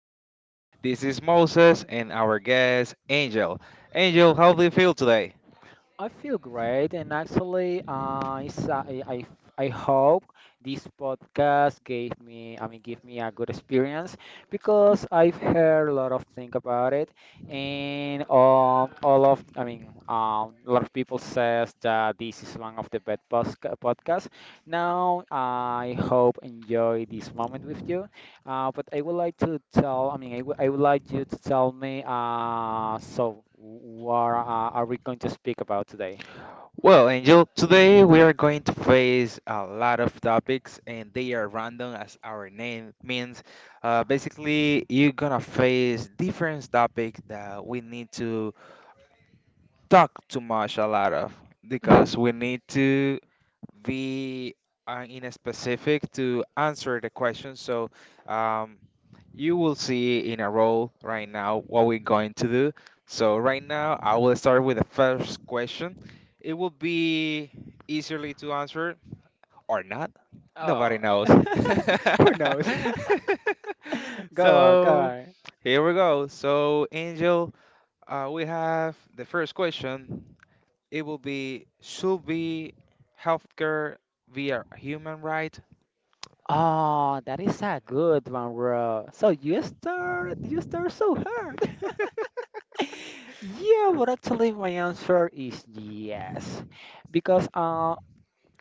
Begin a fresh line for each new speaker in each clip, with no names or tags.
Debate. This is Moses and our guest, Angel. Angel, how do you feel today?
I feel great, and actually, it's, I f- I hope this podcast gave give me a good experience because I've heard a lot of things about it, and all of, I mean, a lot of people says that this is one of the best podcasts. Now, I hope enjoy this moment with you, but I would like to I would like you to tell me, so what are we going to speak about today?
Well, Angel, today we are going to face a lot of topics and they are random as our name means. Basically, you're gonna face different topics that we need to talk too much a lot of because we need to we are in a specific to answer the question. So um, you will see in a row right now what we're going to do. So right now I will start with the first question. It will be easily to answer or not. Nobody
Oh,
knows.
who knows? Go on, go
So
on.
here we go. So Angel, we have the first question. It will be should be healthcare via human right.
Oh, that is a good one, bro. So you start so hard. Yeah, but actually my answer is yes, because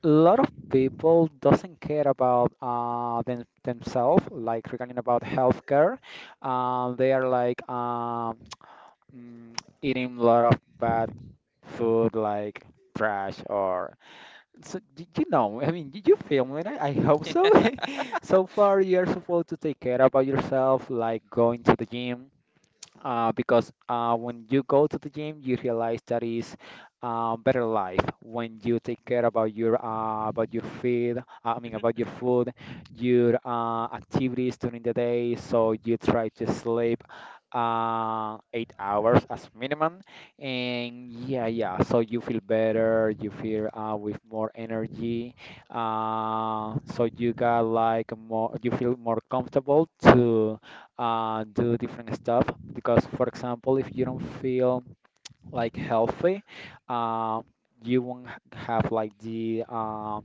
a lot of people doesn't care about themselves, like regarding about healthcare. They are like mm, eating a lot of bad food, like trash or so. You know, I mean, did you feel me? I hope so. So far, you're supposed to take care about yourself, like going to the gym, because when you go to the gym, you realize that is better life. When
Yeah.
you take care about your feed, I mean
Mhm,
about your food, your activities during the day. So you try to sleep 8 hours as minimum, and yeah, yeah. So you feel better. You feel with more energy. So you got like more. You feel more comfortable to do different stuff, because for example if you don't feel like healthy, uh, you won't have like the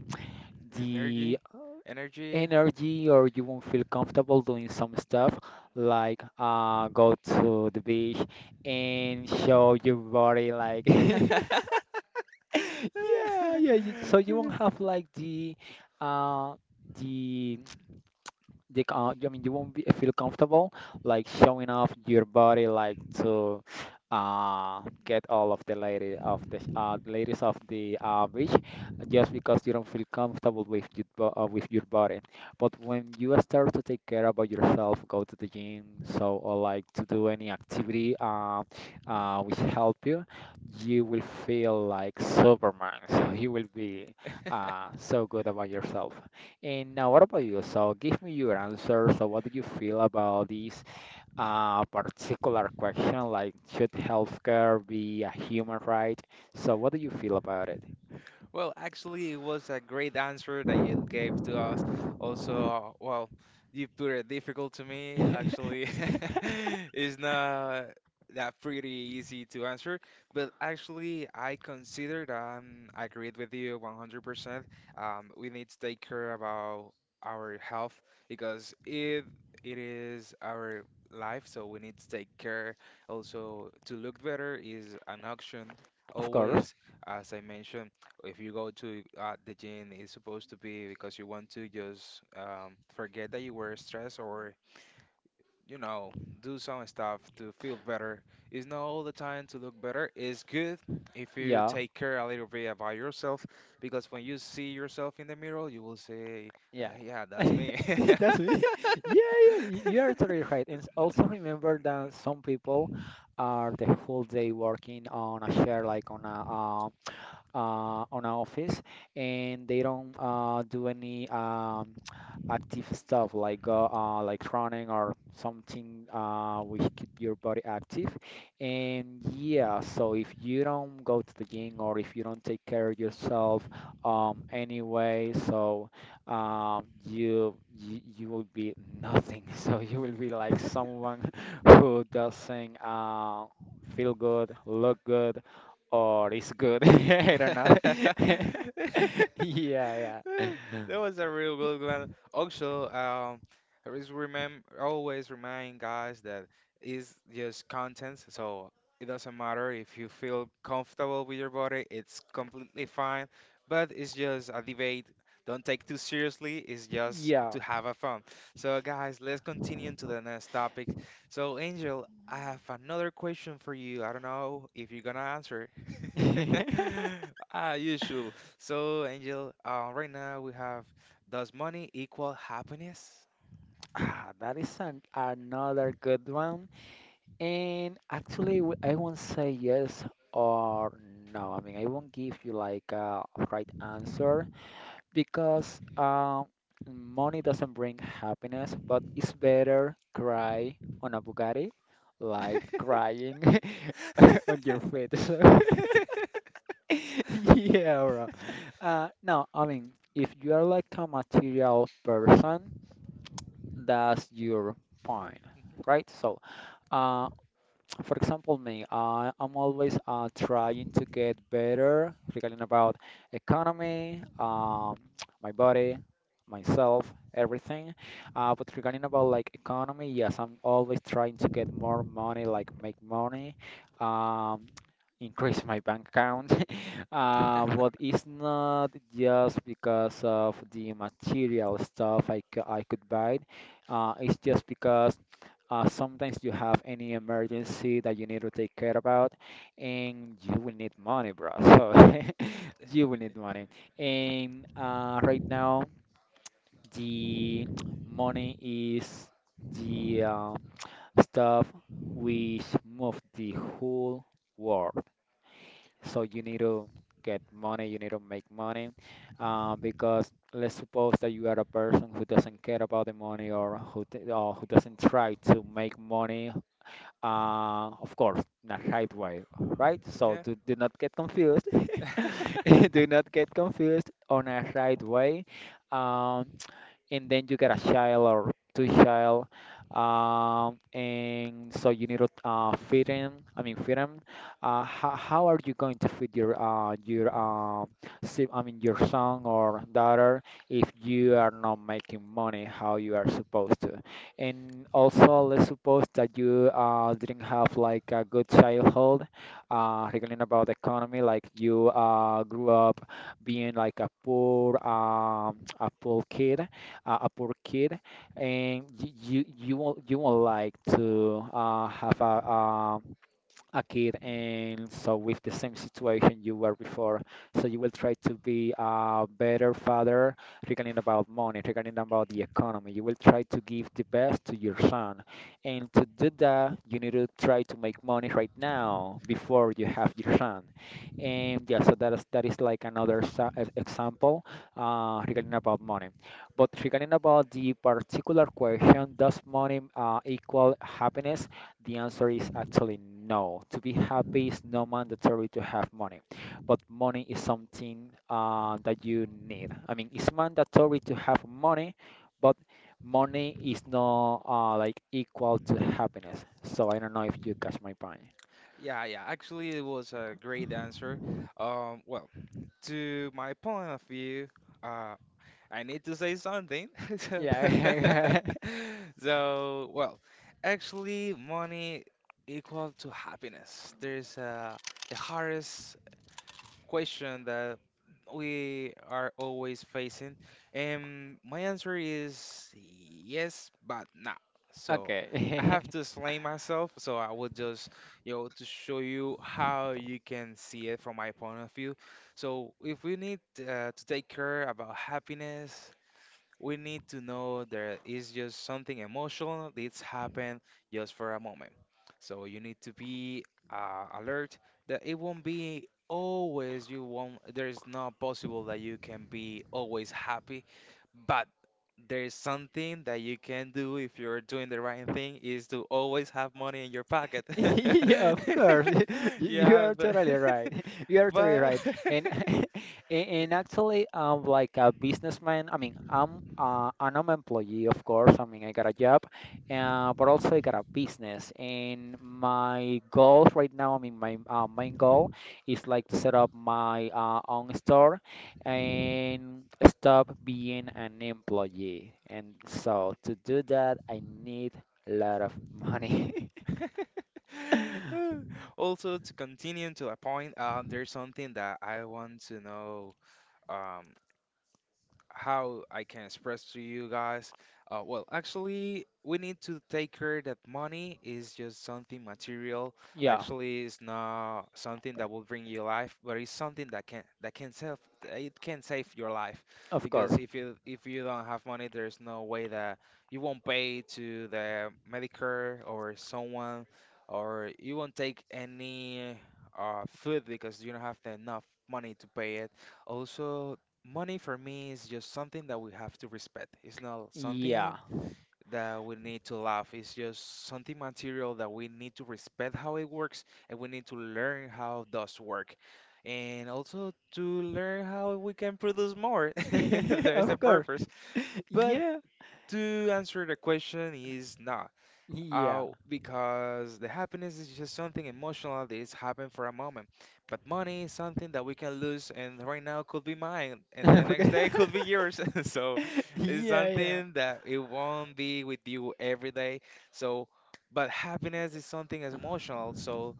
mhm.
the
Energy, energy.
energy, or you won't feel comfortable doing some stuff like go to the beach and show your body, like yeah, yeah, you, so you won't have like uh, the you can't, I mean, you won't feel comfortable, like showing off your body, like to get all of the lady of the ladies of the beach, just because you don't feel comfortable with with your body. But when you start to take care about yourself, go to the gym, so or like to do any activity which help you, you will feel like Superman. So you will be so good about yourself. And now, what about you? So, give me your answer. So, what do you feel about this particular question? Like, should healthcare be a human right? So, what do you feel about it?
Well, actually, it was a great answer that you gave to us. Also, well, you put it difficult to me. Actually, it's not that pretty easy to answer, but actually, I considered I agreed with you 100%. We need to take care about our health because it is our life, so we need to take care. Also, to look better is an option
Of course.
always, as I mentioned. If you go to the gym, it's supposed to be because you want to just forget that you were stressed or, you know, do some stuff to feel better. It's not all the time to look better. It's good if you
Yeah.
take care a little bit about yourself because when you see yourself in the mirror, you will say, "Uh,
Yeah.
Yeah, that's me."
That's me. Yeah, yeah, you are totally right. And also remember that some people are the whole day working on a share, like on a on our office, and they don't do any active stuff, like go like running or something which keep your body active. And yeah, so if you don't go to the gym, or if you don't take care of yourself, anyway, so you will be nothing. So you will be like someone who doesn't feel good, look good, or it's good. I don't know. Yeah,
That was a real
yeah.
good one. Also, always remember, always remind guys that is just content, so it doesn't matter if you feel comfortable with your body, it's completely fine, but it's just a debate. Don't take too seriously. It's just to
Yeah.
have a fun. So guys, let's continue to the next topic. So Angel, I have another question for you. I don't know if you're gonna answer. Usual. So Angel, right now we have, does money equal happiness?
Ah, that is another good one. And actually, I won't say yes or no. I mean, I won't give you like a right answer because money doesn't bring happiness, but it's better cry on a Bugatti like crying on your feet. So Yeah, bro. No, I mean, if you are like a material person, that's your point, right? So, uh, for example, me, I'm always trying to get better regarding about economy, my body, myself, everything. But regarding about like economy, yes, I'm always trying to get more money, like make money, um, increase my bank account. Uh, but it's not just because of the material stuff I could buy. It's just because. Sometimes you have any emergency that you need to take care about, and you will need money, bro. So you will need money. And right now, the money is the stuff which move the whole world. So you need to get money, you need to make money, because let's suppose that you are a person who doesn't care about the money, or who t or who doesn't try to make money, of course, in right way, right? So
Yeah.
do, do not get confused. Do not get confused on a right way. Um, and then you get a child or two child, and so you need to feed him. How are you going to feed your si- I mean your son or daughter if you are not making money, how you are supposed to? And also let's suppose that you didn't have like a good childhood regarding about the economy, like you grew up being like a poor kid, and you won't like to have a kid and so with the same situation you were before, so you will try to be a better father, regarding about money, regarding about the economy, you will try to give the best to your son. And to do that you need to try to make money right now before you have your son. And yeah, so that is like another example regarding about money. But regarding about the particular question, does money equal happiness, the answer is actually no. To be happy is not mandatory to have money, but money is something that you need. I mean, it's mandatory to have money, but money is not like equal to happiness. So I don't know if you catch my point.
Yeah, yeah. Actually, it was a great answer. Well, to my point of view, uh, I need to say something. So,
Yeah.
so, well, actually, money equal to happiness. There's the hardest question that we are always facing. And my answer is yes, but nah. So I
Okay.
have to explain myself. So I would just, you know, to show you how you can see it from my point of view. So if we need to take care about happiness, we need to know there is just something emotional that's happened just for a moment. So you need to be alert that it won't be always, you won't, there is not possible that you can be always happy, but there is something that you can do if you're doing the right thing is to always have money in your pocket.
Yeah, of course. You
Yeah,
are
but
totally right. You are totally
but
right. And and actually, I'm like a businessman. I mean, I'm an employee, of course. I mean, I got a job, but also I got a business. And my goals right now, I mean, my main goal is like to set up my own store and stop being an employee. And so to do that, I need a lot of money.
Also, to continue to a point, there's something that I want to know. Um, how I can express to you guys. Well, actually, we need to take care that money is just something material.
Yeah.
Actually, it's not something that will bring you life, but it's something that can save it can save your life.
Of
Because
course.
if you don't have money, there's no way that you won't pay to the Medicare or someone, or you won't take any food because you don't have the enough money to pay it. Also, money for me is just something that we have to respect. It's not something
Yeah.
that we need to love. It's just something material that we need to respect how it works, and we need to learn how it does work. And also to learn how we can produce more. There's a
Of course.
purpose. But
Yeah.
to answer the question is no,
Yeah.
because the happiness is just something emotional that is happening for a moment. But money is something that we can lose, and right now could be mine, and the next
Okay.
day could be yours. So it's
Yeah, yeah.
something that it won't be with you every day. So, but happiness is something as emotional. So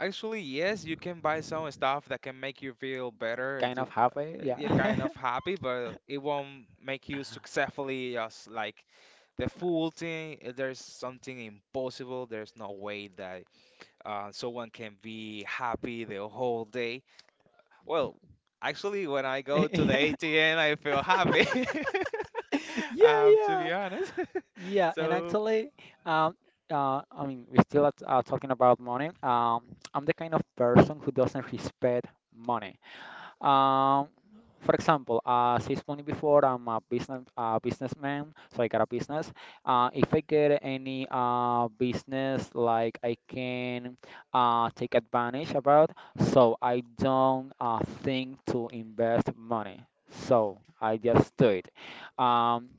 actually, yes, you can buy some stuff that can make you feel better and
Kind of
to
happy. Yeah.
you're kind of happy, but it won't make you successfully just like the full thing. There's something impossible, there's no way that someone can be happy the whole day. Well, actually, when I go to the ATM I feel happy.
Yeah,
To
yeah.
be honest.
Yeah, and
So
actually, um, I mean, we're still talking about money. I'm the kind of person who doesn't respect money. Um, for example, as I explained before, I'm a businessman, so I got a business. If I get any business, like I can take advantage about, so I don't think to invest money. So I just do it. Um,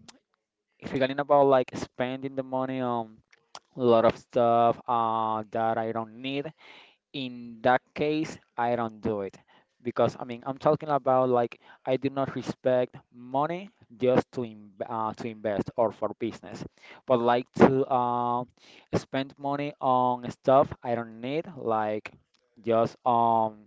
regarding about like spending the money on a lot of stuff that I don't need, in that case I don't do it, because I mean I'm talking about, like, I do not respect money just to to invest or for business, but like to spend money on stuff I don't need, like just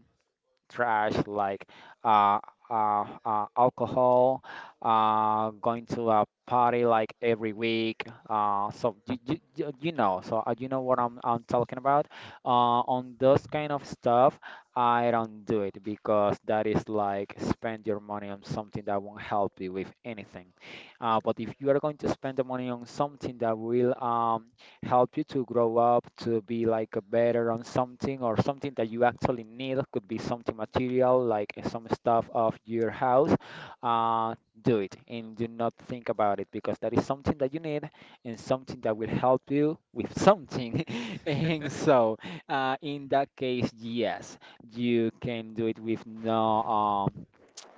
trash, like uh, alcohol, going to a party like every week. So you know, so you know what I'm talking about. On those kind of stuff, I don't do it because that is like spend your money on something that won't help you with anything. But if you are going to spend the money on something that will help you to grow up, to be like a better on something, or something that you actually need, could be something material like some stuff of your house, uh, do it and do not think about it, because that is something that you need and something that will help you with something. And so in that case, yes, you can do it with no um,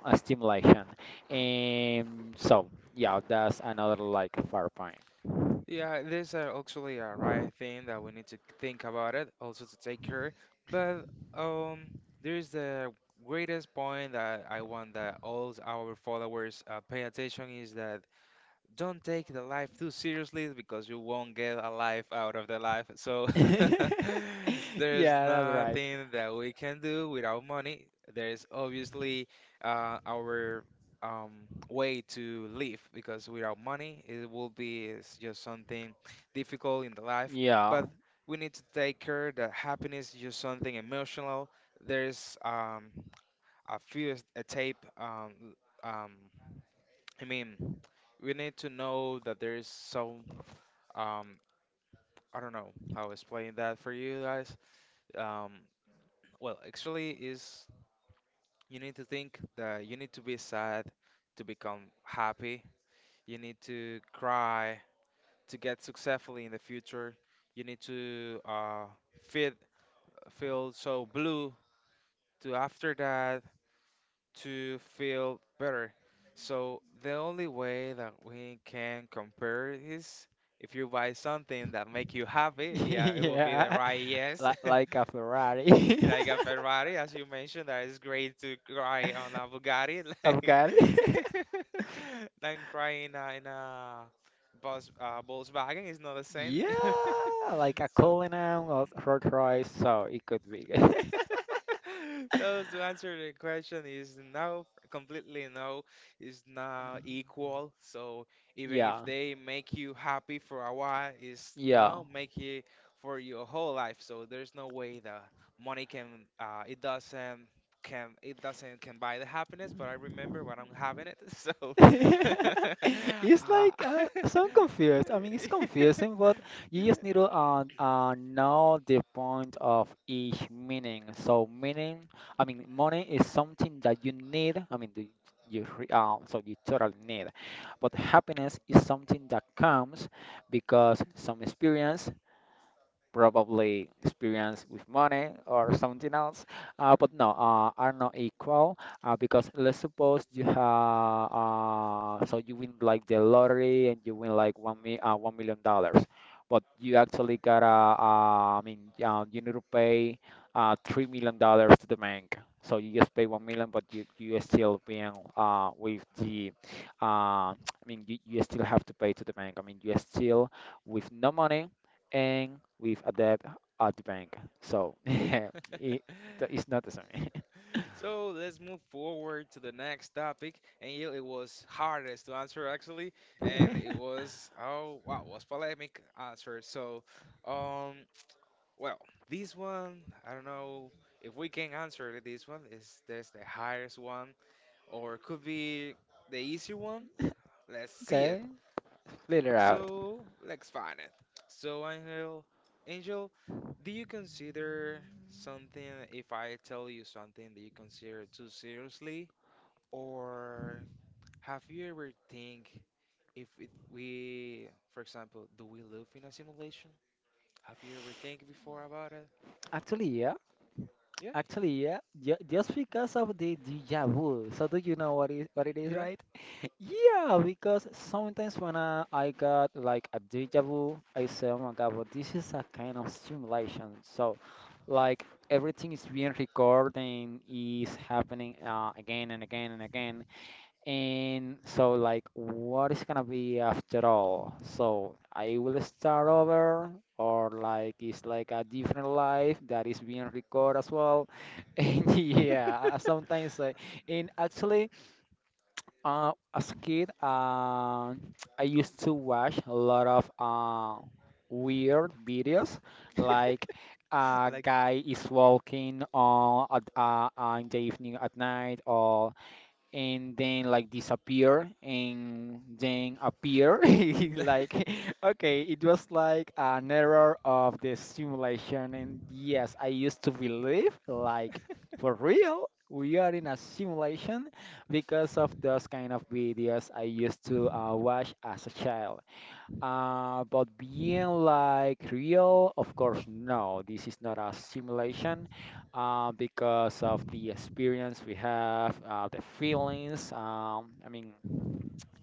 stimulation. And so yeah, that's another like far point.
yeah, there's actually a right thing that we need to think about, it also to take care. But um there's the greatest point that I want that all our followers pay attention is that don't take the life too seriously because you won't get a life out of the life. So there's
Yeah, that's right.
nothing that we can do without money. There's obviously our um, way to live because without money, it will be, it's just something difficult in the life.
Yeah.
But we need to take care that happiness is just something emotional. There's a tape l- um, I mean, we need to know that there is some, um I don't know how to explain that for you guys. Um, well, actually, is you need to think that you need to be sad to become happy. You need to cry to get successfully in the future. You need to feel, so blue to after that to feel better. So the only way that we can compare is if you buy something that make you happy, yeah, it will be the
Yeah.
right yes.
Li- Like a Ferrari.
Like a Ferrari, as you mentioned, that is great to cry on a Bugatti,
I've
like
got it.
than crying in a Volkswagen is not the same.
Yeah, like a
So
Cullinan or Rolls Royce, so it could be good.
so to answer the question is no, completely no, is not equal. So even if
Yeah.
they make you happy for a while, is
Yeah.
not make it for your whole life. So there's no way the money can, it doesn't can buy the happiness. But I remember when I'm having it. So
It's
uh,
like so confused. I mean, it's confusing, but you just need
yeah.
to know the point of each meaning. So meaning, I mean, money is something that you need. I mean, so you totally need. But happiness is something that comes because some experience, probably experience with money or something else. But no, are not equal because let's suppose you have so you win like the lottery and you win like $1 million, but you actually gotta you need to pay $3 million to the bank. So you just pay 1 million, but you are still being with the I mean you, you still have to pay to the bank. I mean you are still with no money and with a debt at the bank. So it's not the same.
So let's move forward to the next topic. And yeah, it was hardest to answer actually, and it was, oh wow, was polemic answer. So, um, well, this one I don't know if we can answer this one. Is there's the hardest one, or could be the easy one? Let's see it.
Okay. Later out.
So let's find it. So Angel, Angel, do you consider something, if I tell you something that you consider too seriously? Or have you ever think if it, we, for example, do we live in a simulation? Have you ever think before about it?
Actually, yeah.
Yeah.
Actually, yeah. Just because of the deja vu. So do you know what is what it is,
Yeah.
right? Yeah, because sometimes when I got like a deja vu, I say, oh my God, well, this is a kind of simulation. So, like everything is being recorded and is happening again and again and again. And so, like, what is gonna be after all? So, I will start over, or like, it's like a different life that is being recorded as well. And yeah, sometimes, and actually, as a kid, I used to watch a lot of weird videos, like a
Like.
guy is walking on at, in the evening at night, or and then like disappear and then appear like okay it was like an error of the simulation, and yes, I used to believe like for real we are in a simulation because of those kind of videos I used to watch as a child. But being like real, of course, no, this is not a simulation because of the experience we have, the feelings. I mean,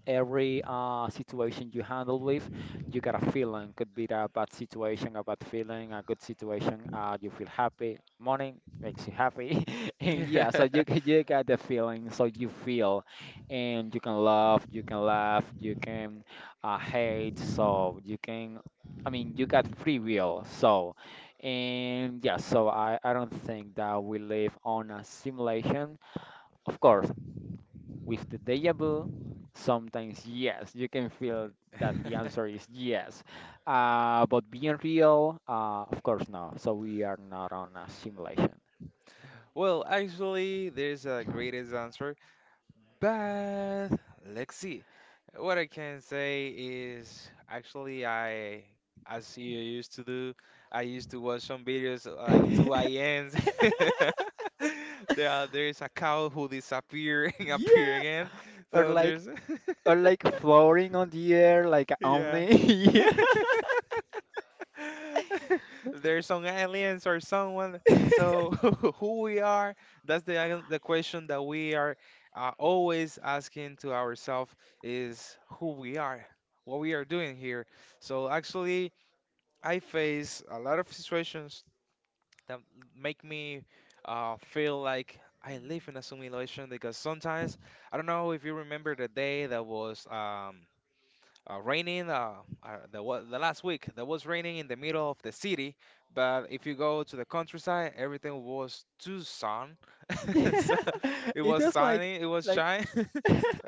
every situation you handle with, you got a feeling. Could be a bad situation, a bad feeling, a good situation. You feel happy. Morning makes you happy, and yeah, so you got the feeling. So you feel, and you can love, you can laugh, you can hate. So you can. I mean, you got free will, so, and yeah, so I don't think that we live on a simulation. Of course, with the deja vu, sometimes yes, you can feel that the answer is yes. But being real, of course, no. So we are not on a simulation.
Well, actually, there's a greatest answer. But let's see. What I can say is, actually, I, as you used to do, I used to watch some videos at, like,
Yeah,
2 a.m. There's a cow who disappear and appear again.
or
So
like
there's
or like floating on the air like a
yeah.
omni. Yeah.
There's some aliens or someone. So who we are? That's the, the question that we are always asking to ourselves, is who we are, what we are doing here. So actually, I face a lot of situations that make me feel like I live in a simulation because sometimes, I don't know if you remember the day that was raining, the last week that was raining in the middle of the city, but if you go to the countryside everything was too sun,
Yeah.
so it
It
was
does like
sunny, it was
like
shine.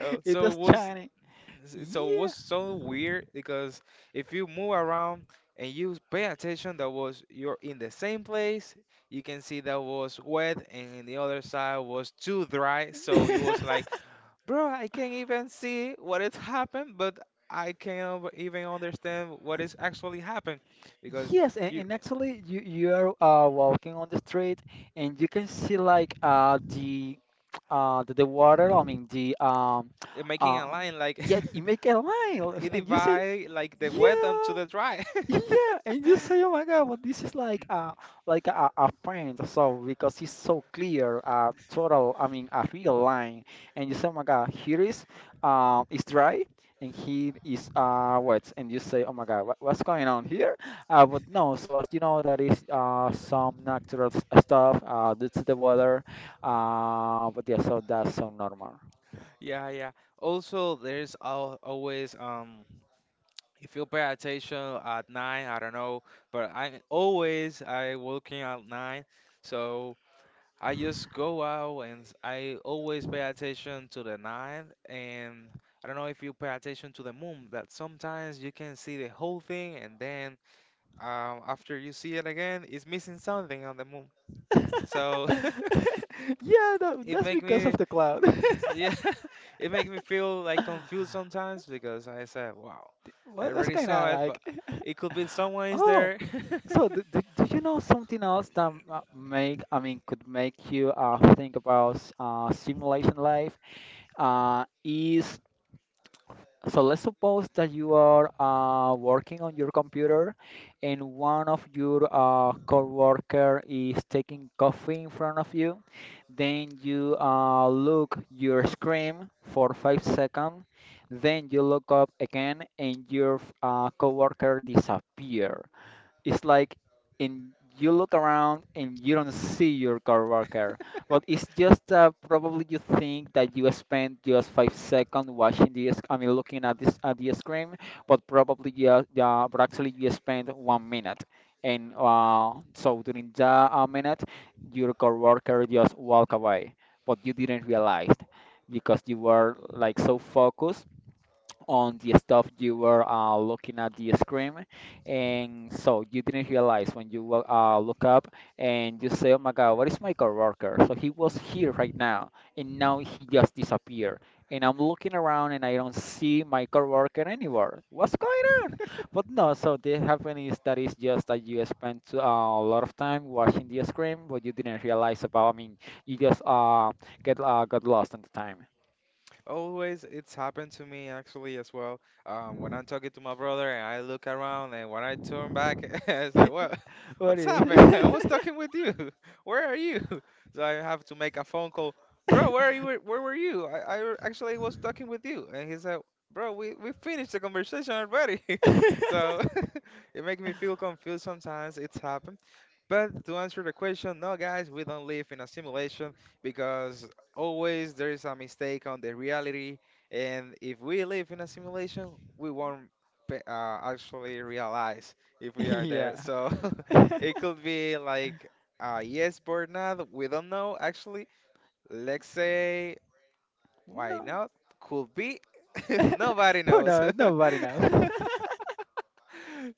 Uh,
it
so
does
it was
shining.
so it
Yeah.
was so weird because if you move around and you pay attention that was you're in the same place, you can see that was wet and the other side was too dry, so it was like, bro, I can't even see what has happened, but I can't even understand what is actually happened because
Yes,
you,
and actually, you're walking on the street, and you can see like the the water. I mean the
making a
uh
line like,
yeah, you make a line,
it
and you say
divide like the wet
yeah.
onto the dry.
Yeah, and you say, "Oh my God, well, this is like a like a paint? So because it's so clear, a total, I mean, a real line." And you say, "Oh my God, here is dry, and here is wet." And you say, "Oh my God, what's going on here?" But no, so as you know, that is some natural stuff due to the weather, but yeah, so that's so normal.
Yeah, yeah. Also, there's al always, if you pay attention at 9, I don't know, but I always I working at 9, so. I just go out and I always pay attention to the night, and I don't know if you pay attention to the moon that sometimes you can see the whole thing and then after you see it again it's missing something on the moon. So
Yeah,
it
that's
make
because
me
of the cloud.
yeah it make me feel like confused sometimes because I said wow I
What's
already
going on,
saw it
like?
but it could be someone is
Oh,
there.
so do you know something else that make I mean could make you think about simulation life? Is so let's suppose that you are working on your computer, and one of your coworker is taking coffee in front of you. Then you look your screen for 5 seconds. Then you look up again, and your coworker disappear. It's like, and you look around and you don't see your coworker, but it's just that probably you think that you spent just 5 seconds watching this. I mean, looking at this at the screen, but probably yeah, yeah, but actually you spent 1 minute. And so during that minute, your coworker just walk away, but you didn't realize because you were like so focused on the stuff you were looking at the screen, and so you didn't realize when you look up and you say, "Oh my God, what is my coworker?" So he was here right now, and now he just disappeared. And I'm looking around and I don't see my coworker anywhere. What's going on? But no, so the happen is that is just that you spent a lot of time watching the screen, but you didn't realize about. I mean, you just get got lost in the time.
Always, it's happened to me actually as well. When I'm talking to my brother and I look around and when I turn back, it's like, what,
What
what's
is?
happening? I was talking with you. Where are you? So I have to make a phone call. Bro, where are you? Where were you? I actually was talking with you. And he's like, bro, we finished the conversation already. So it makes me feel confused sometimes. It's happened. But to answer the question, no, guys, we don't live in a simulation because always there is a mistake on the reality, and if we live in a simulation, we won't actually realize if we are
Yeah.
there. So it could be like, yes, but not. We don't know actually. Let's say, why
No.
not? Could be. Nobody
Who
knows.
knows? Nobody knows.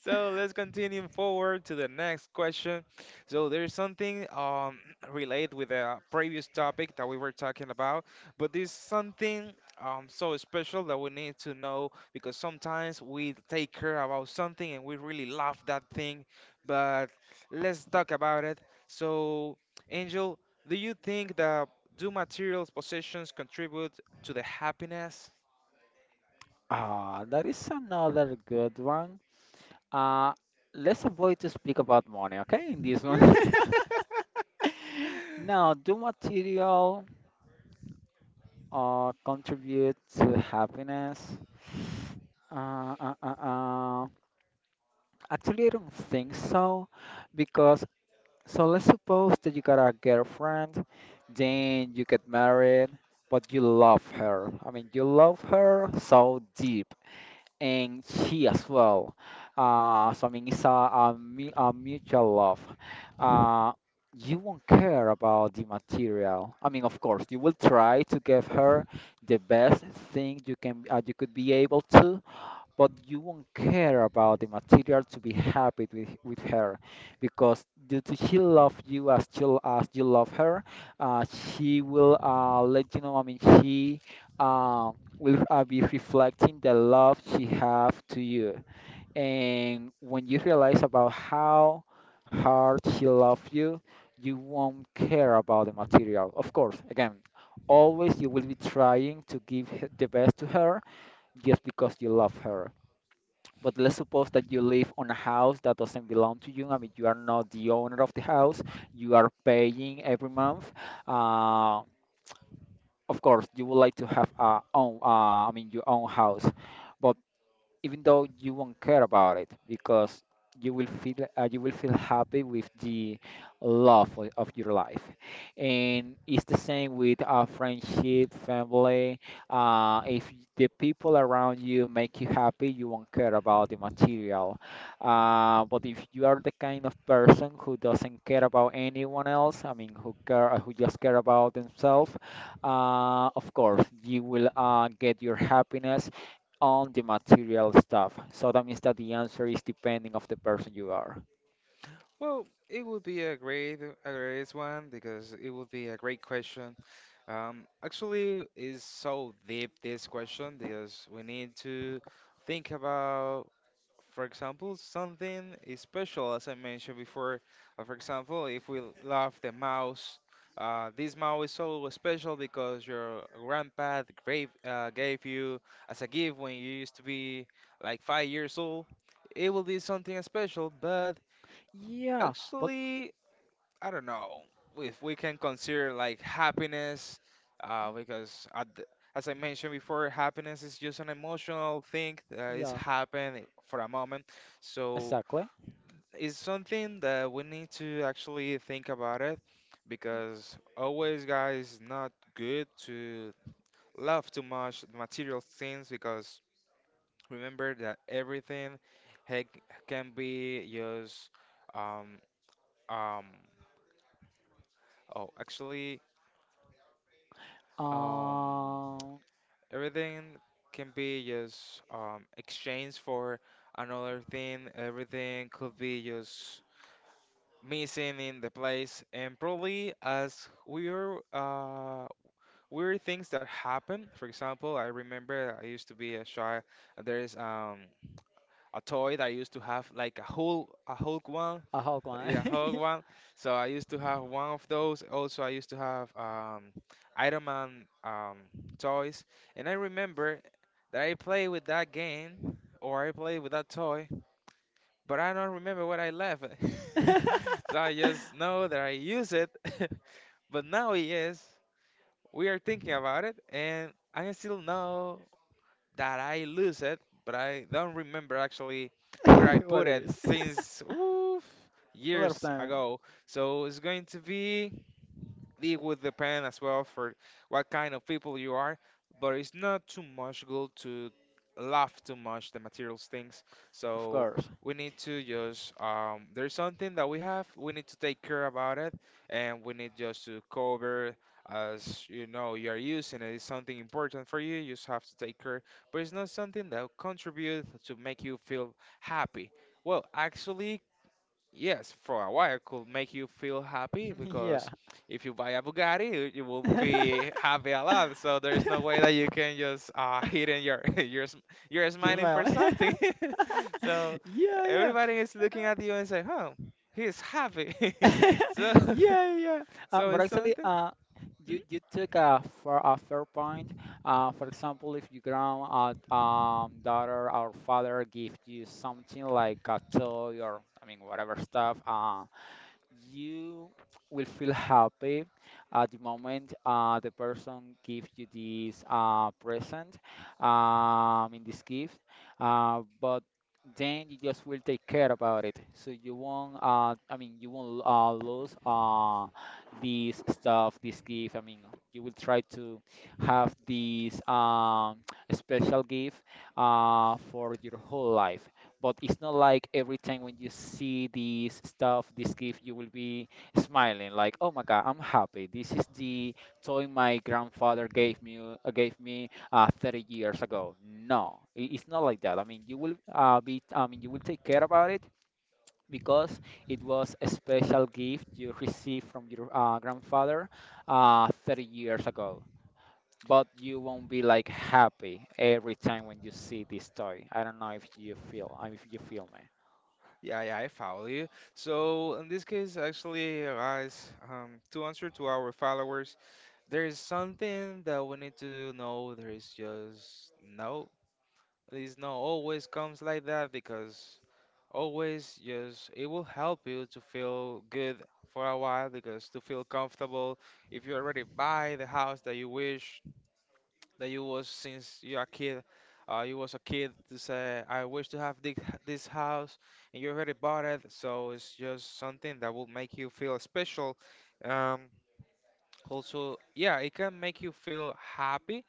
So let's continue forward to the next question. So there's something related with the previous topic that we were talking about, but there's something so special that we need to know because sometimes we take care about something and we really love that thing, but let's talk about it. So Angel, do you think that do materials possessions contribute to the happiness?
Ah, there is another good one. Uh, let's avoid to speak about money, okay? In this one. Now, do material contribute to happiness? Uh, uh, uh, uh. Actually, I don't think so because so let's suppose that you got a girlfriend, then you get married, but you love her. I mean, you love her so deep, and she as well. So I mean, it's a mutual love. Uh, you won't care about the material. I mean, of course, you will try to give her the best thing you can you could be able to, but you won't care about the material to be happy with her because due to she love you as you love her, she will let you know, I mean she um, will be reflecting the love she have to you. And when you realize about how hard she love you, you won't care about the material, of course again, always you will be trying to give the best to her, just because you love her. But let's suppose that you live on a house that doesn't belong to you. I mean, you are not the owner of the house. You are paying every month. Uh, of course, you would like to have a own. I mean, your own house. But even though you won't care about it because you will feel happy with the love of your life. And it's the same with friendship family. Uh, if the people around you make you happy, you won't care about the material. But if you are the kind of person who doesn't care about anyone else, I mean who care who just care about themselves, of course you will get your happiness on the material stuff. So that means that the answer is depending of the person you are.
Well, it would be a great one because it would be a great question. Actually, it's so deep this question because we need to think about, for example, something is special, as I mentioned before. For example, if we love the mouse, this mouse is so special because your grandpa gave you as a gift when you used to be like 5 years old. It will be something special, but
Yeah, but
actually. I don't know if we can consider like happiness, because as I mentioned before, happiness is just an emotional thing that is
yeah,
happened for a moment. So
exactly.
it's something that we need to actually think about it, because always, guys, not good to love too much material things because remember that everything heck, can be just um um oh actually um
Um,
everything can be just exchanged for another thing. Everything could be just missing in the place. And probably as weird, weird things that happen. For example, I remember I used to be a child. There is a toy that I used to have, like a Hulk one
a hot one.
yeah, hog one. So I used to have one of those. Also, I used to have Iron Man toys, and I remember that I played with that game or I played with that toy, but I don't remember what I left. So I just know that I use it, but now yes, we are thinking about it, and I still know that I lose it, but I don't remember actually where I
What
put
it
it
is?
since oof,
A lot of
years
time,
ago. So it's going to be it would depend as well for what kind of people you are, but it's not too much good to love too much the materials things.
of
So
course.
we need to just there's something that we have. We need to take care about it, and we need just to cover as you know you are using it. It's something important for you. You just have to take care, but it's not something that contributes to make you feel happy. Well, actually, yes, for a while could make you feel happy
Yeah.
because if you buy a Bugatti, you will be happy a lot. So there's no way that you can just hidden your you're sm- you're
You're
smiling for
smiling.
something. So
Yeah, yeah.
everybody is looking at you and say, "Oh, he's happy." So
Yeah, yeah.
so
But
it's
actually,
something. Mhm.
you you took a fair point. For example, if your grand daughter or father gives you something like a toy or I mean whatever stuff, you will feel happy at the moment the person gives you this present, in this gift, but then you just will take care about it. So you won't, I mean, you won't lose this stuff, this gift. I mean, you will try to have this special gift for your whole life, but it's not like every time when you see this stuff, this gift, you will be smiling like, "Oh my God, I'm happy. This is the toy my grandfather gave me 30 years ago." No, it's not like that. I mean, you will you will take care about it because it was a special gift you received from your grandfather 30 years ago. But you won't be like happy every time when you see this toy. I don't know if you feel me.
Yeah, yeah, I follow you. So in this case, actually, guys, to answer to our followers, there is something that we need to know. There is just no, it's not always comes like that because always just it will help you to feel good for a while because to feel comfortable if you already buy the house that you wish that you was since you're a kid you was a kid to say I wish to have this house and you already bought it, so it's just something that will make you feel special. um, Also, yeah, it can make you feel happy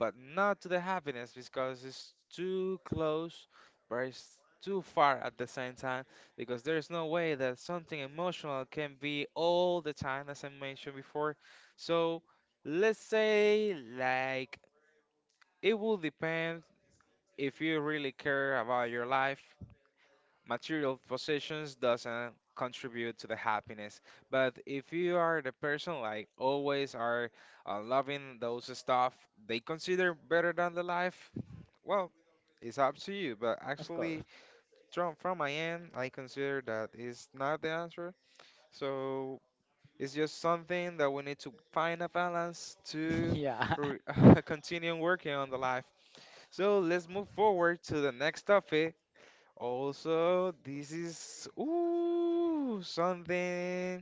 but not to the happiness because it's too close, but it's too far at the same time. Because there's no way that something emotional can be all the time, as I mentioned before. So let's say, like, it will depend if you really care about your life. Material possessions doesn't contribute to the happiness, but if you are the person like always are loving those stuff, they consider better than the life. Well, it's up to you, but
Of course.
actually, from my end, I consider that is not the answer. So it's just something that we need to find a balance to
Yeah.
re continue working on the life. So let's move forward to the next topic. Also, this is ooh something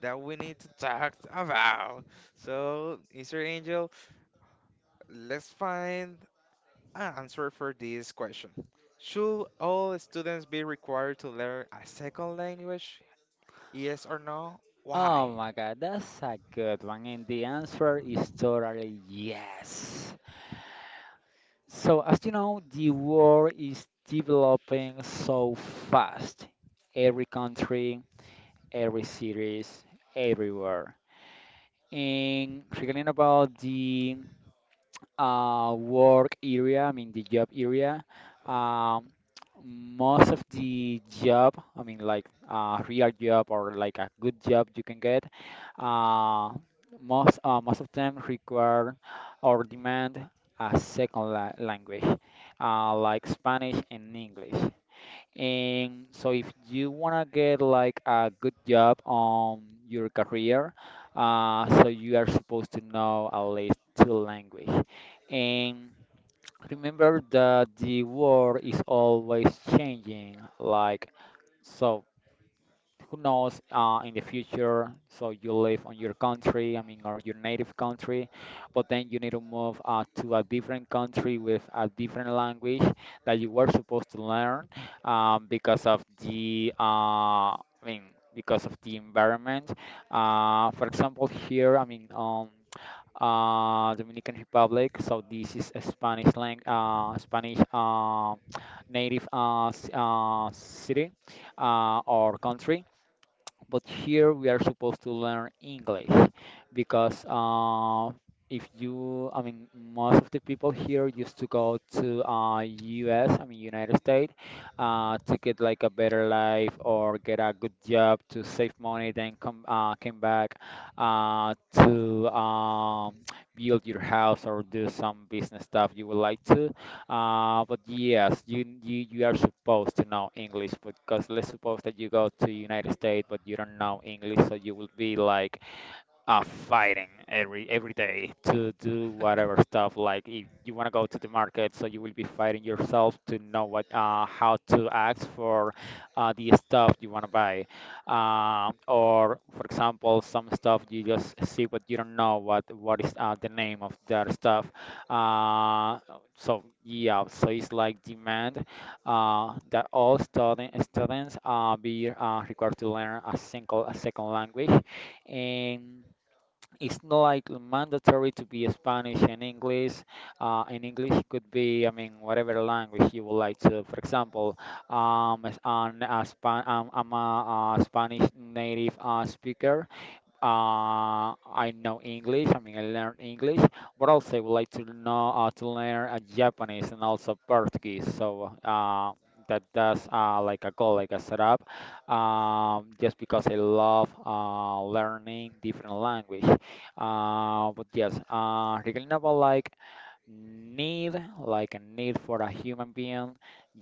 that we need to talk about. So, Mr. Angel, let's find an answer for this question. Should all students be required to learn a second language? Yes or no? Why?
Oh my God, that's a good one. And the answer is totally yes. So, as you know, the world is developing so fast.
Yeah.
Every country, every cities, everywhere. And regarding about the work area, I mean the job area, um, most of the job, I mean like a real job or like a good job you can get, uh, most of them require or demand a second la language, like Spanish and English. And so if you wanna get like a good job on your career, so you are supposed to know at least two language. And remember that the world is always changing. Like, so who knows, in the future. So you live on your country, I mean, or your native country, but then you need to move, to a different country with a different language that you were supposed to learn, because of the, I mean, because of the environment. For example, here, I mean, Dominican Republic. So this is a Spanish lang Spanish, native, city, or country, but here we are supposed to learn English, because if you, I mean, most of the people here used to go to US, I mean, United States, to get like a better life or get a good job to save money, then come came back to build your house or do some business stuff you would like to. But yes, you are supposed to know English, because let's suppose that you go to United States but you don't know English, so you will be like, uh, fighting every day to do whatever stuff. Like, if you want to go to the market, so you will be fighting yourself to know what how to ask for the stuff you want to buy. Or for example, some stuff you just see, but you don't know what is the name of that stuff. Uh, so yeah, so it's like demand that all students be required to learn a second language, and it's not like mandatory to be Spanish and English. And English could be, I mean, whatever language you would like to. For example, as I'm a Spanish native speaker. I know English. I mean, I learn English, but also I would like to know to learn Japanese and also Portuguese. So that's like a goal, like a setup, just because I love learning different language. But yes, regarding about like need, like a need for a human being,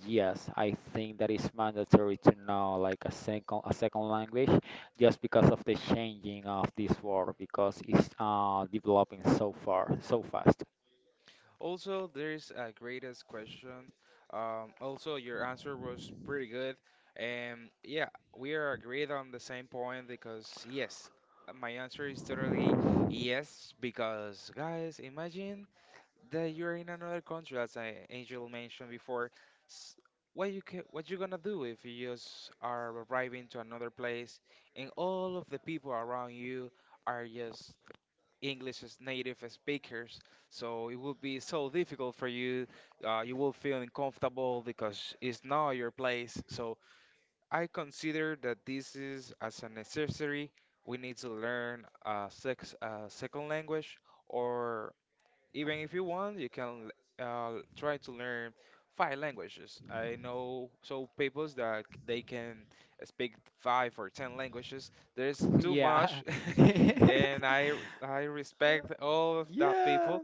yes, I think that is mandatory to know like a second language, just because of the changing of this world, because it's developing so far, so fast.
Also, there's a greatest question. Also, your answer was pretty good. And yeah, we are agreed on the same point because yes, my answer is totally yes. Because, guys, imagine that you're in another country, as I, Angel mentioned before. S- what you ca what you gonna do if you just are arriving to another place and all of the people around you are just English as native speakers? So it will be so difficult for you. You will feel uncomfortable because it's not your place. So I consider that this is as a necessary. We need to learn a sex a second language or even if you want, you can try to learn five languages. I know so people that they can speak five or ten languages. There's too
Yeah.
much, and I respect all of that
Yeah,
people.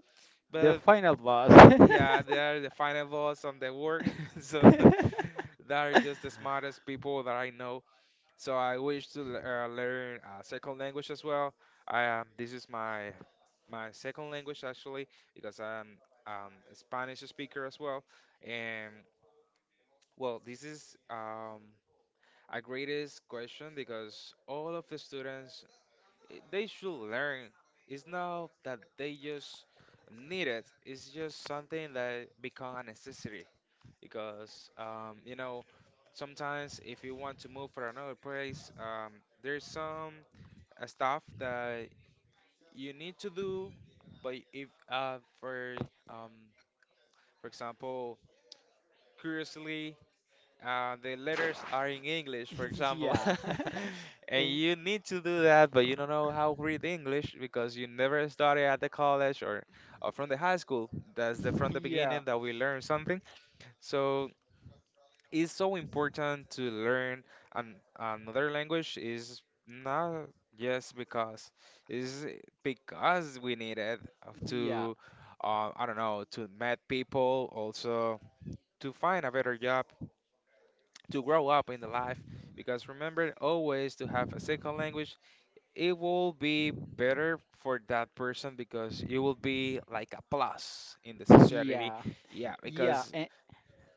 the
But
final boss.
yeah, they are the final boss on the work. So they are just the smartest people that I know. So I wish to learn a second language as well. I this is my my second language actually because I'm a Spanish speaker as well. And well, this is a greatest question because all of the students eh, they should learn. It's not that they just need it. It's just something that become a necessity because you know sometimes if you want to move for another place, there's some stuff that you need to do, but if for um, for example, curiously. The letters are in English, for example,
Yeah.
and
And
you need to do that, but you don't know how to read English because you never started at the college, or from the high school. That's the from the
yeah,
beginning that we learn something. So it's so important to learn an, another language is not just because it's because we need it
yeah,
to I don't know, to meet people, also to find a better job, to grow up in the life, because remember always to have a second language it will be better for that person because it will be like a plus in the society,
yeah,
yeah,
yeah.
because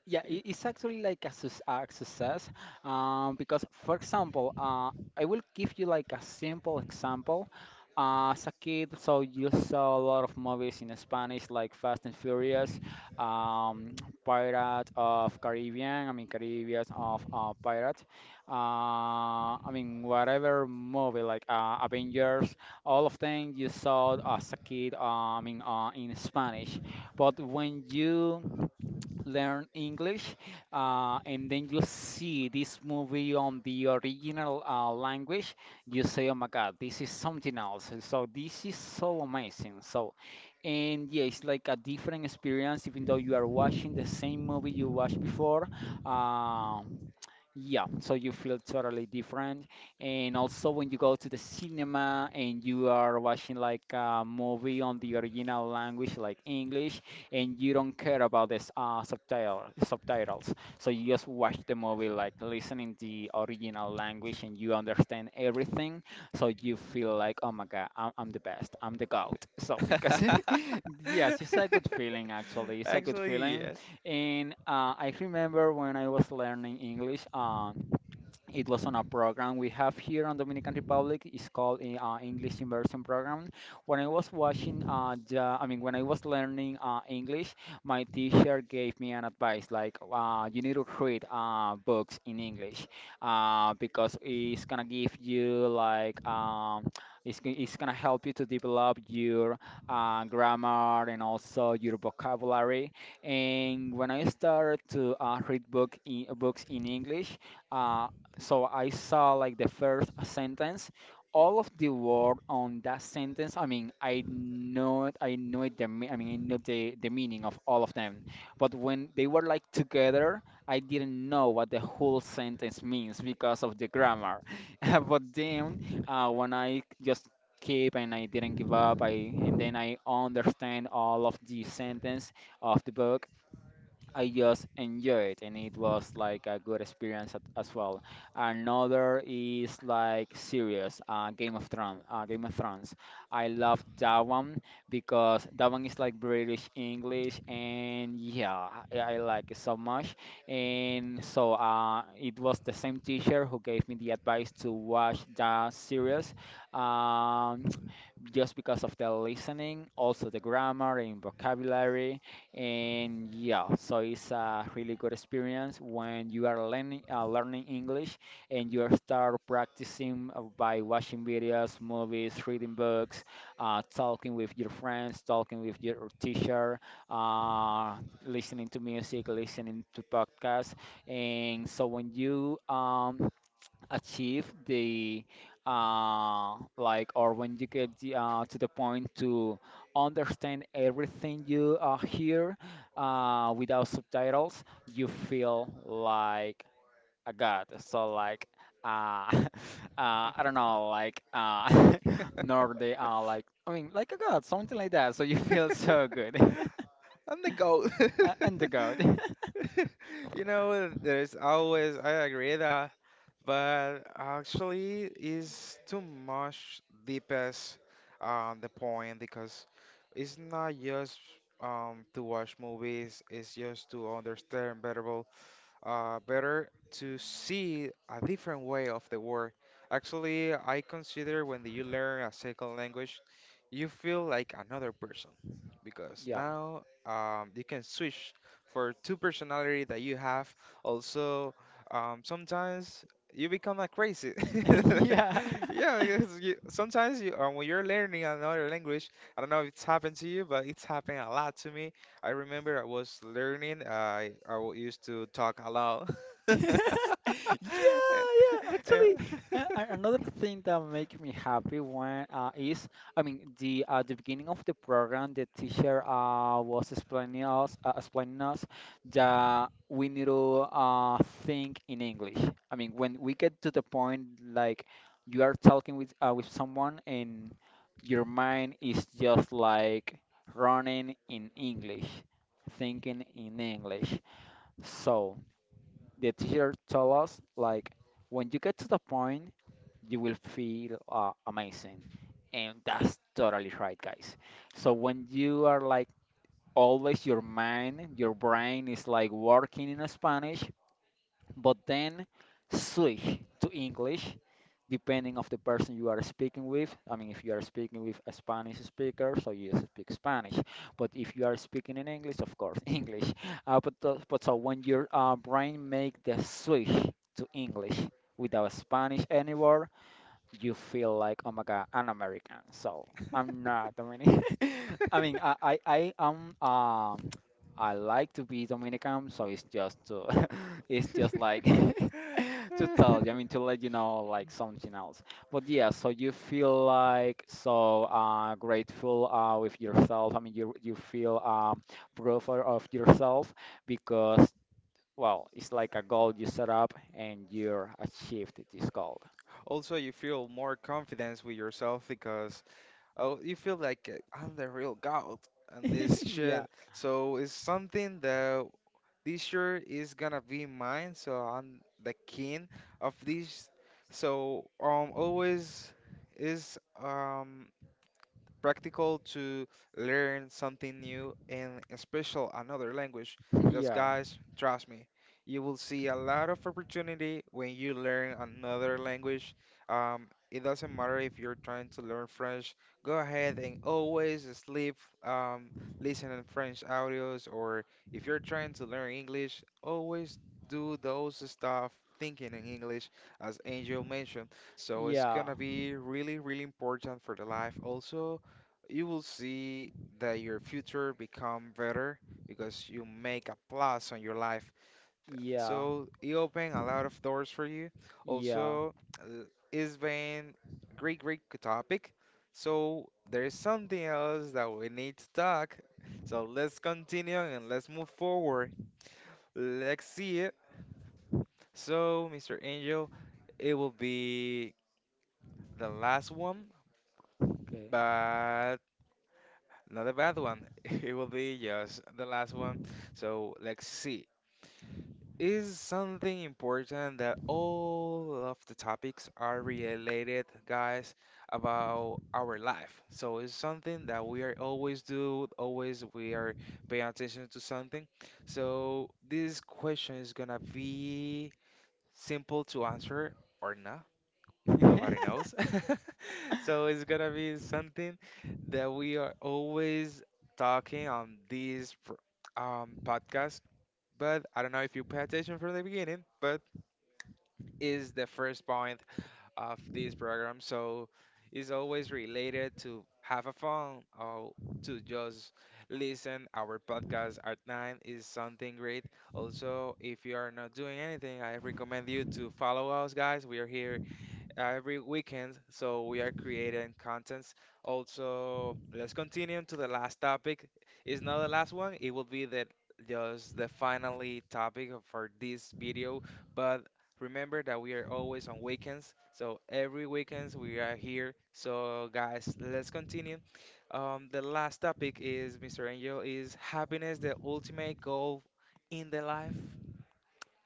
Yeah, it's actually like a success, because, for example, I will give you like a simple example. As a kid, so you saw a lot of movies in Spanish like Fast and Furious, um, Pirate of Caribbean, I mean, Caribbean of Pirate, I mean whatever movie like Avengers, all of them you saw as a kid, I mean, in Spanish. But when you learn English, and then you see this movie on the original language, you say, "Oh my God, this is something else." And so this is so amazing. So, and yeah, it's like a different experience, even though you are watching the same movie you watched before. Um, yeah, so you feel totally different. And also, when you go to the cinema and you are watching like a movie on the original language, like English, and you don't care about this subtitles. So you just watch the movie like listening the original language, and you understand everything. So you feel like, oh my God, I'm the best. I'm the GOAT. So because yes, it's a good feeling, actually. It's a good
Actually,
feeling.
yes.
And I remember when I was learning English, it was on a program we have here on Dominican Republic. It's called English Immersion Program. When I was watching, I mean, when I was learning English, my teacher gave me an advice like, you need to read books in English, because it's gonna give you like, it's gonna help you to develop your grammar and also your vocabulary. And when I started to books in English, uh, so I saw like the first sentence, all of the word on that sentence. I mean, I know it, I mean, I know the meaning of all of them. But when they were like together, I didn't know what the whole sentence means because of the grammar. But then, when I just keep and I didn't give up, I and then I understand all of the sentence of the book. I just enjoyed, and it was like a good experience at, as well. Another is like serious Game of Thrones. Game of Thrones. I love that one, because that one is like British English, and yeah, I like it so much. And so it was the same teacher who gave me the advice to watch that series. Um, just because of the listening, also the grammar and vocabulary, and yeah, so it's a really good experience when you are learning English, and you start practicing by watching videos, movies, reading books, talking with your friends, talking with your teacher, uh, listening to music, listening to podcasts. And so when you achieve the or when you get to the point to understand everything you hear without subtitles, you feel like a god. So like uh, uh, I don't know, like nor they are like I mean like a god, something like that. So you feel so good.
I'm the goat.
And the god.
You know, there's always, I agree that, but actually, it's too much deepest on the point because it's not just to watch movies, it's just to understand better better to see a different way of the world. Actually, I consider when you learn a second language, you feel like another person because
Yeah.
now you can switch for two personality that you have. Also, sometimes you become like crazy.
Yeah.
Yeah, because when you're learning another language, I don't know if it's happened to you, but it's happened a lot to me. I remember I was learning. I used to talk a lot.
Yeah, yeah. Actually, another thing that makes me happy I mean, the beginning of the program, the teacher was explaining us that we need to think in English. I mean, when we get to the point, like, you are talking with someone, and your mind is just like running in English, thinking in English. So the teacher told us like, when you get to the point, you will feel amazing, and that's totally right, guys. So when you are like always your mind, your brain is like working in Spanish, but then switch to English, depending of the person you are speaking with. I mean, if you are speaking with a Spanish speaker, so you speak Spanish. But if you are speaking in English, of course, English. But so when your brain make the switch to English without Spanish anywhere, you feel like, oh my God, I'm American. So I'm not Dominican. I mean, I am, I like to be Dominican. So it's just to, it's just like to tell you, I mean, to let you know like something else. But yeah, so you feel like so grateful with yourself. I mean, you feel proud of yourself, because, well, it's like a goal you set up and you achieved this goal.
Also, you feel more confidence with yourself because oh, you feel like I'm the real god and this
Yeah.
shit. So it's something that this year is gonna be mine. So I'm the king of this. So always is practical to learn something new and special another language. Because
Yeah.
guys, trust me, you will see a lot of opportunity when you learn another language. It doesn't matter if you're trying to learn French. Go ahead and always sleep um, listening French audios, or if you're trying to learn English, always do those stuff thinking in English, as Angel mentioned. So it's
Yeah.
gonna be really, really important for the life also you will see that your future become better because you make a plus on your life.
Yeah.
So it opened a lot of doors for you.
Yeah.
Also, uh, it's been great, great topic. So there's something else that we need to talk. So let's continue and let's move forward. Let's see it. So, Mr. Angel, it will be the last one,
Okay.
but not a bad one. It will be just the last one. So let's see. Is something important that all of the topics are related, guys, about our life. So it's something that we are always do, always we are paying attention to something. So this question is gonna be simple to answer or not, nobody knows. So it's gonna be something that we are always talking on this podcast. But I don't know if you pay attention from the beginning, but is the first point of this program. So it's always related to have a fun or to just listen. Our podcast at nine is something great. Also, if you are not doing anything, I recommend you to follow us, guys. We are here every weekend, so we are creating contents. Also, let's continue to the last topic. It's not the last one, it will be the just the finally topic of- for this video, but remember that we are always on weekends, so every weekends we are here. So guys, let's continue. The last topic is, Mr. Angel, is happiness the ultimate goal in the life?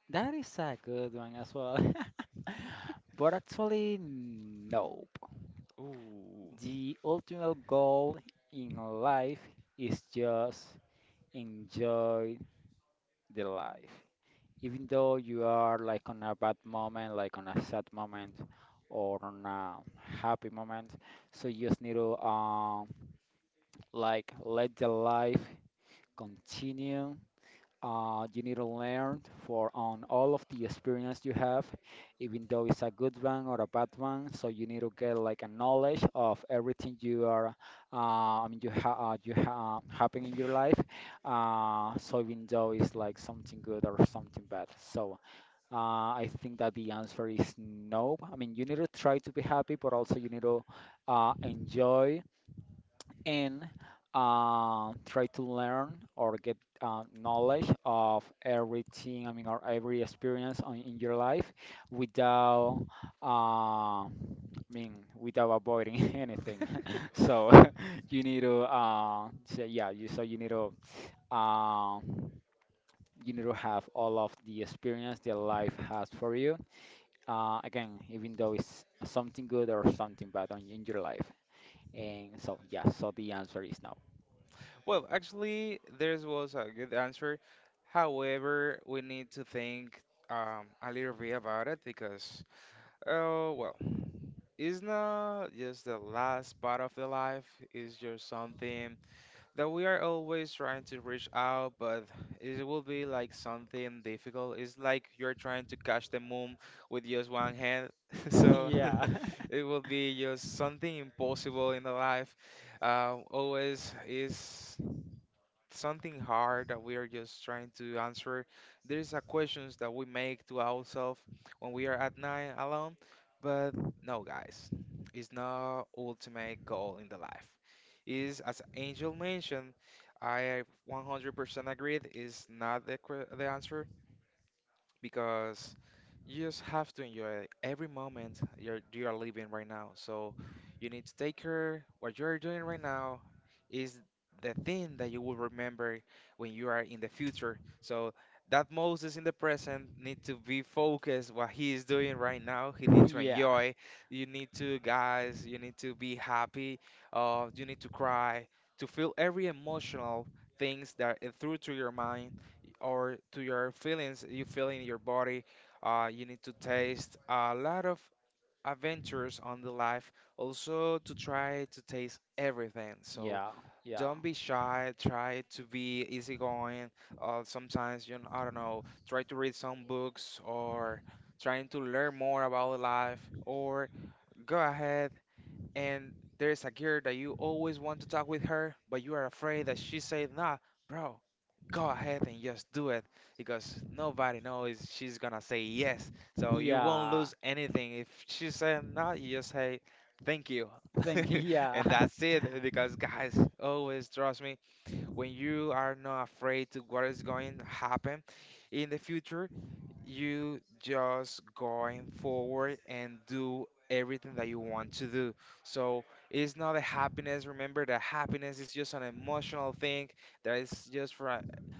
That is a good one as well. But actually, nope.
Ooh.
The ultimate goal in life is just enjoy the life. Even though you are like on a bad moment, like on a sad moment, or on a happy moment, so you just need to like let the life continue. Uh, you need to learn for on all of the experience you have, even though it's a good one or a bad one. So you need to get like a knowledge of everything I mean, you ha happen in your life. So even though it's like something good or something bad. So I think that the answer is no. I mean, you need to try to be happy, but also you need to enjoy and try to learn or get knowledge of everything, I mean, or every experience in your life without, I mean, without avoiding anything. So you need to say, yeah, you, so uh, you need to have all of the experience that life has for you. Again, even though it's something good or something bad in your life. And so, yeah, so the answer is no.
Well, actually, theirs was a good answer. However, we need to think a little bit about it because, oh, well, it's not just the last part of the life, it's just something that we are always trying to reach out, but it will be like something difficult. It's like you're trying to catch the moon with just one hand. So
Yeah.
it will be just something impossible in the life. Always is something hard that we are just trying to answer. There's a questions that we make to ourselves when we are at night alone. But no, guys, it's not ultimate goal in the life. Is as Angel mentioned, I 100% agreed. Is not the answer because you just have to enjoy every moment you are living right now. So you need to take care what you're doing right now is the thing that you will remember when you are in the future. So that Moses in the present need to be focused what he is doing right now. He need to
Yeah.
enjoy. You need to, guys, you need to be happy. You need to cry to feel every emotional things that through to your mind or to your feelings you feel in your body. You need to taste a lot of adventures on the life, also to try to taste everything. So
Yeah. Yeah.
don't be shy, try to be easygoing. Sometimes, you know, I don't know, try to read some books or trying to learn more about life, or go ahead and there is a girl that you always want to talk with her, but you are afraid that she say, nah, bro, go ahead and just do it because nobody knows, she's gonna say yes. So you won't lose
Yeah.
anything. If she say no, you just say thank you.
Thank you.
And
Yeah.
that's it because guys, always trust me, when you are not afraid to what is going to happen in the future, you just going forward and do everything that you want to do. So it's not a happiness. Remember that happiness is just an emotional thing that is just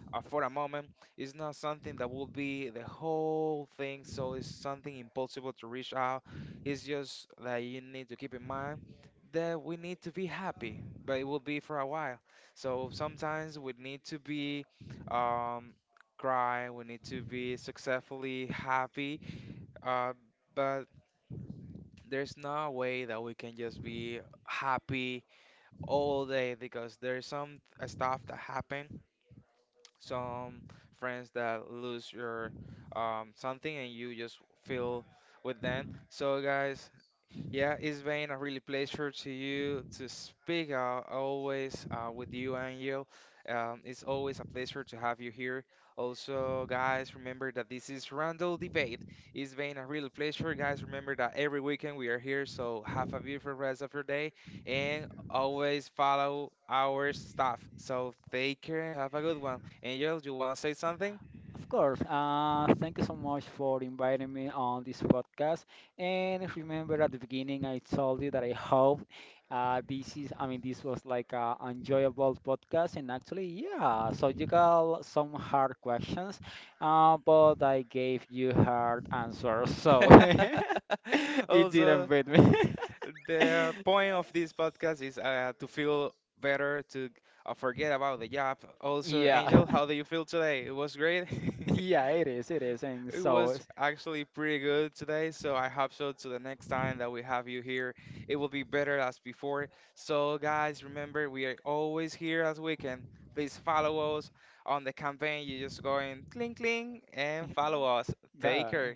for a moment. It's not something that will be the whole thing. So it's something impossible to reach out. It's just that you need to keep in mind that we need to be happy, but it will be for a while. So sometimes we need to be um, cry, we need to be successfully happy, uh, but there's no way that we can just be happy all day because there's some stuff that happen, some friends that lose your something and you just feel with them. So guys, yeah, it's been a really pleasure to you to speak always with you, Angel. It's always a pleasure to have you here. Also, guys, remember that this is Randall Debate. It's been a real pleasure, guys. Remember that every weekend we are here, so have a beautiful rest of your day and always follow our stuff. So take care and have a good one. Angel, do you want to say something?
Of course. Thank you so much for inviting me on this podcast. And remember, at the beginning, I told you that I hope I mean, this was like an enjoyable podcast. And actually, yeah, so you got some hard questions, but I gave you hard answers. So it
Also,
didn't beat me.
the point of this podcast is to feel better, to forget about the job. Also, Angel,
Yeah.
how do you feel today? It was great.
Yeah, it is, it is. And
It was
so,
actually pretty good today, so I hope so. To the next time that we have you here, it will be better as before. So, guys, remember we are always here as we can. Please follow us on the campaign. You just go in cling cling and follow us. Take
Ga-
care.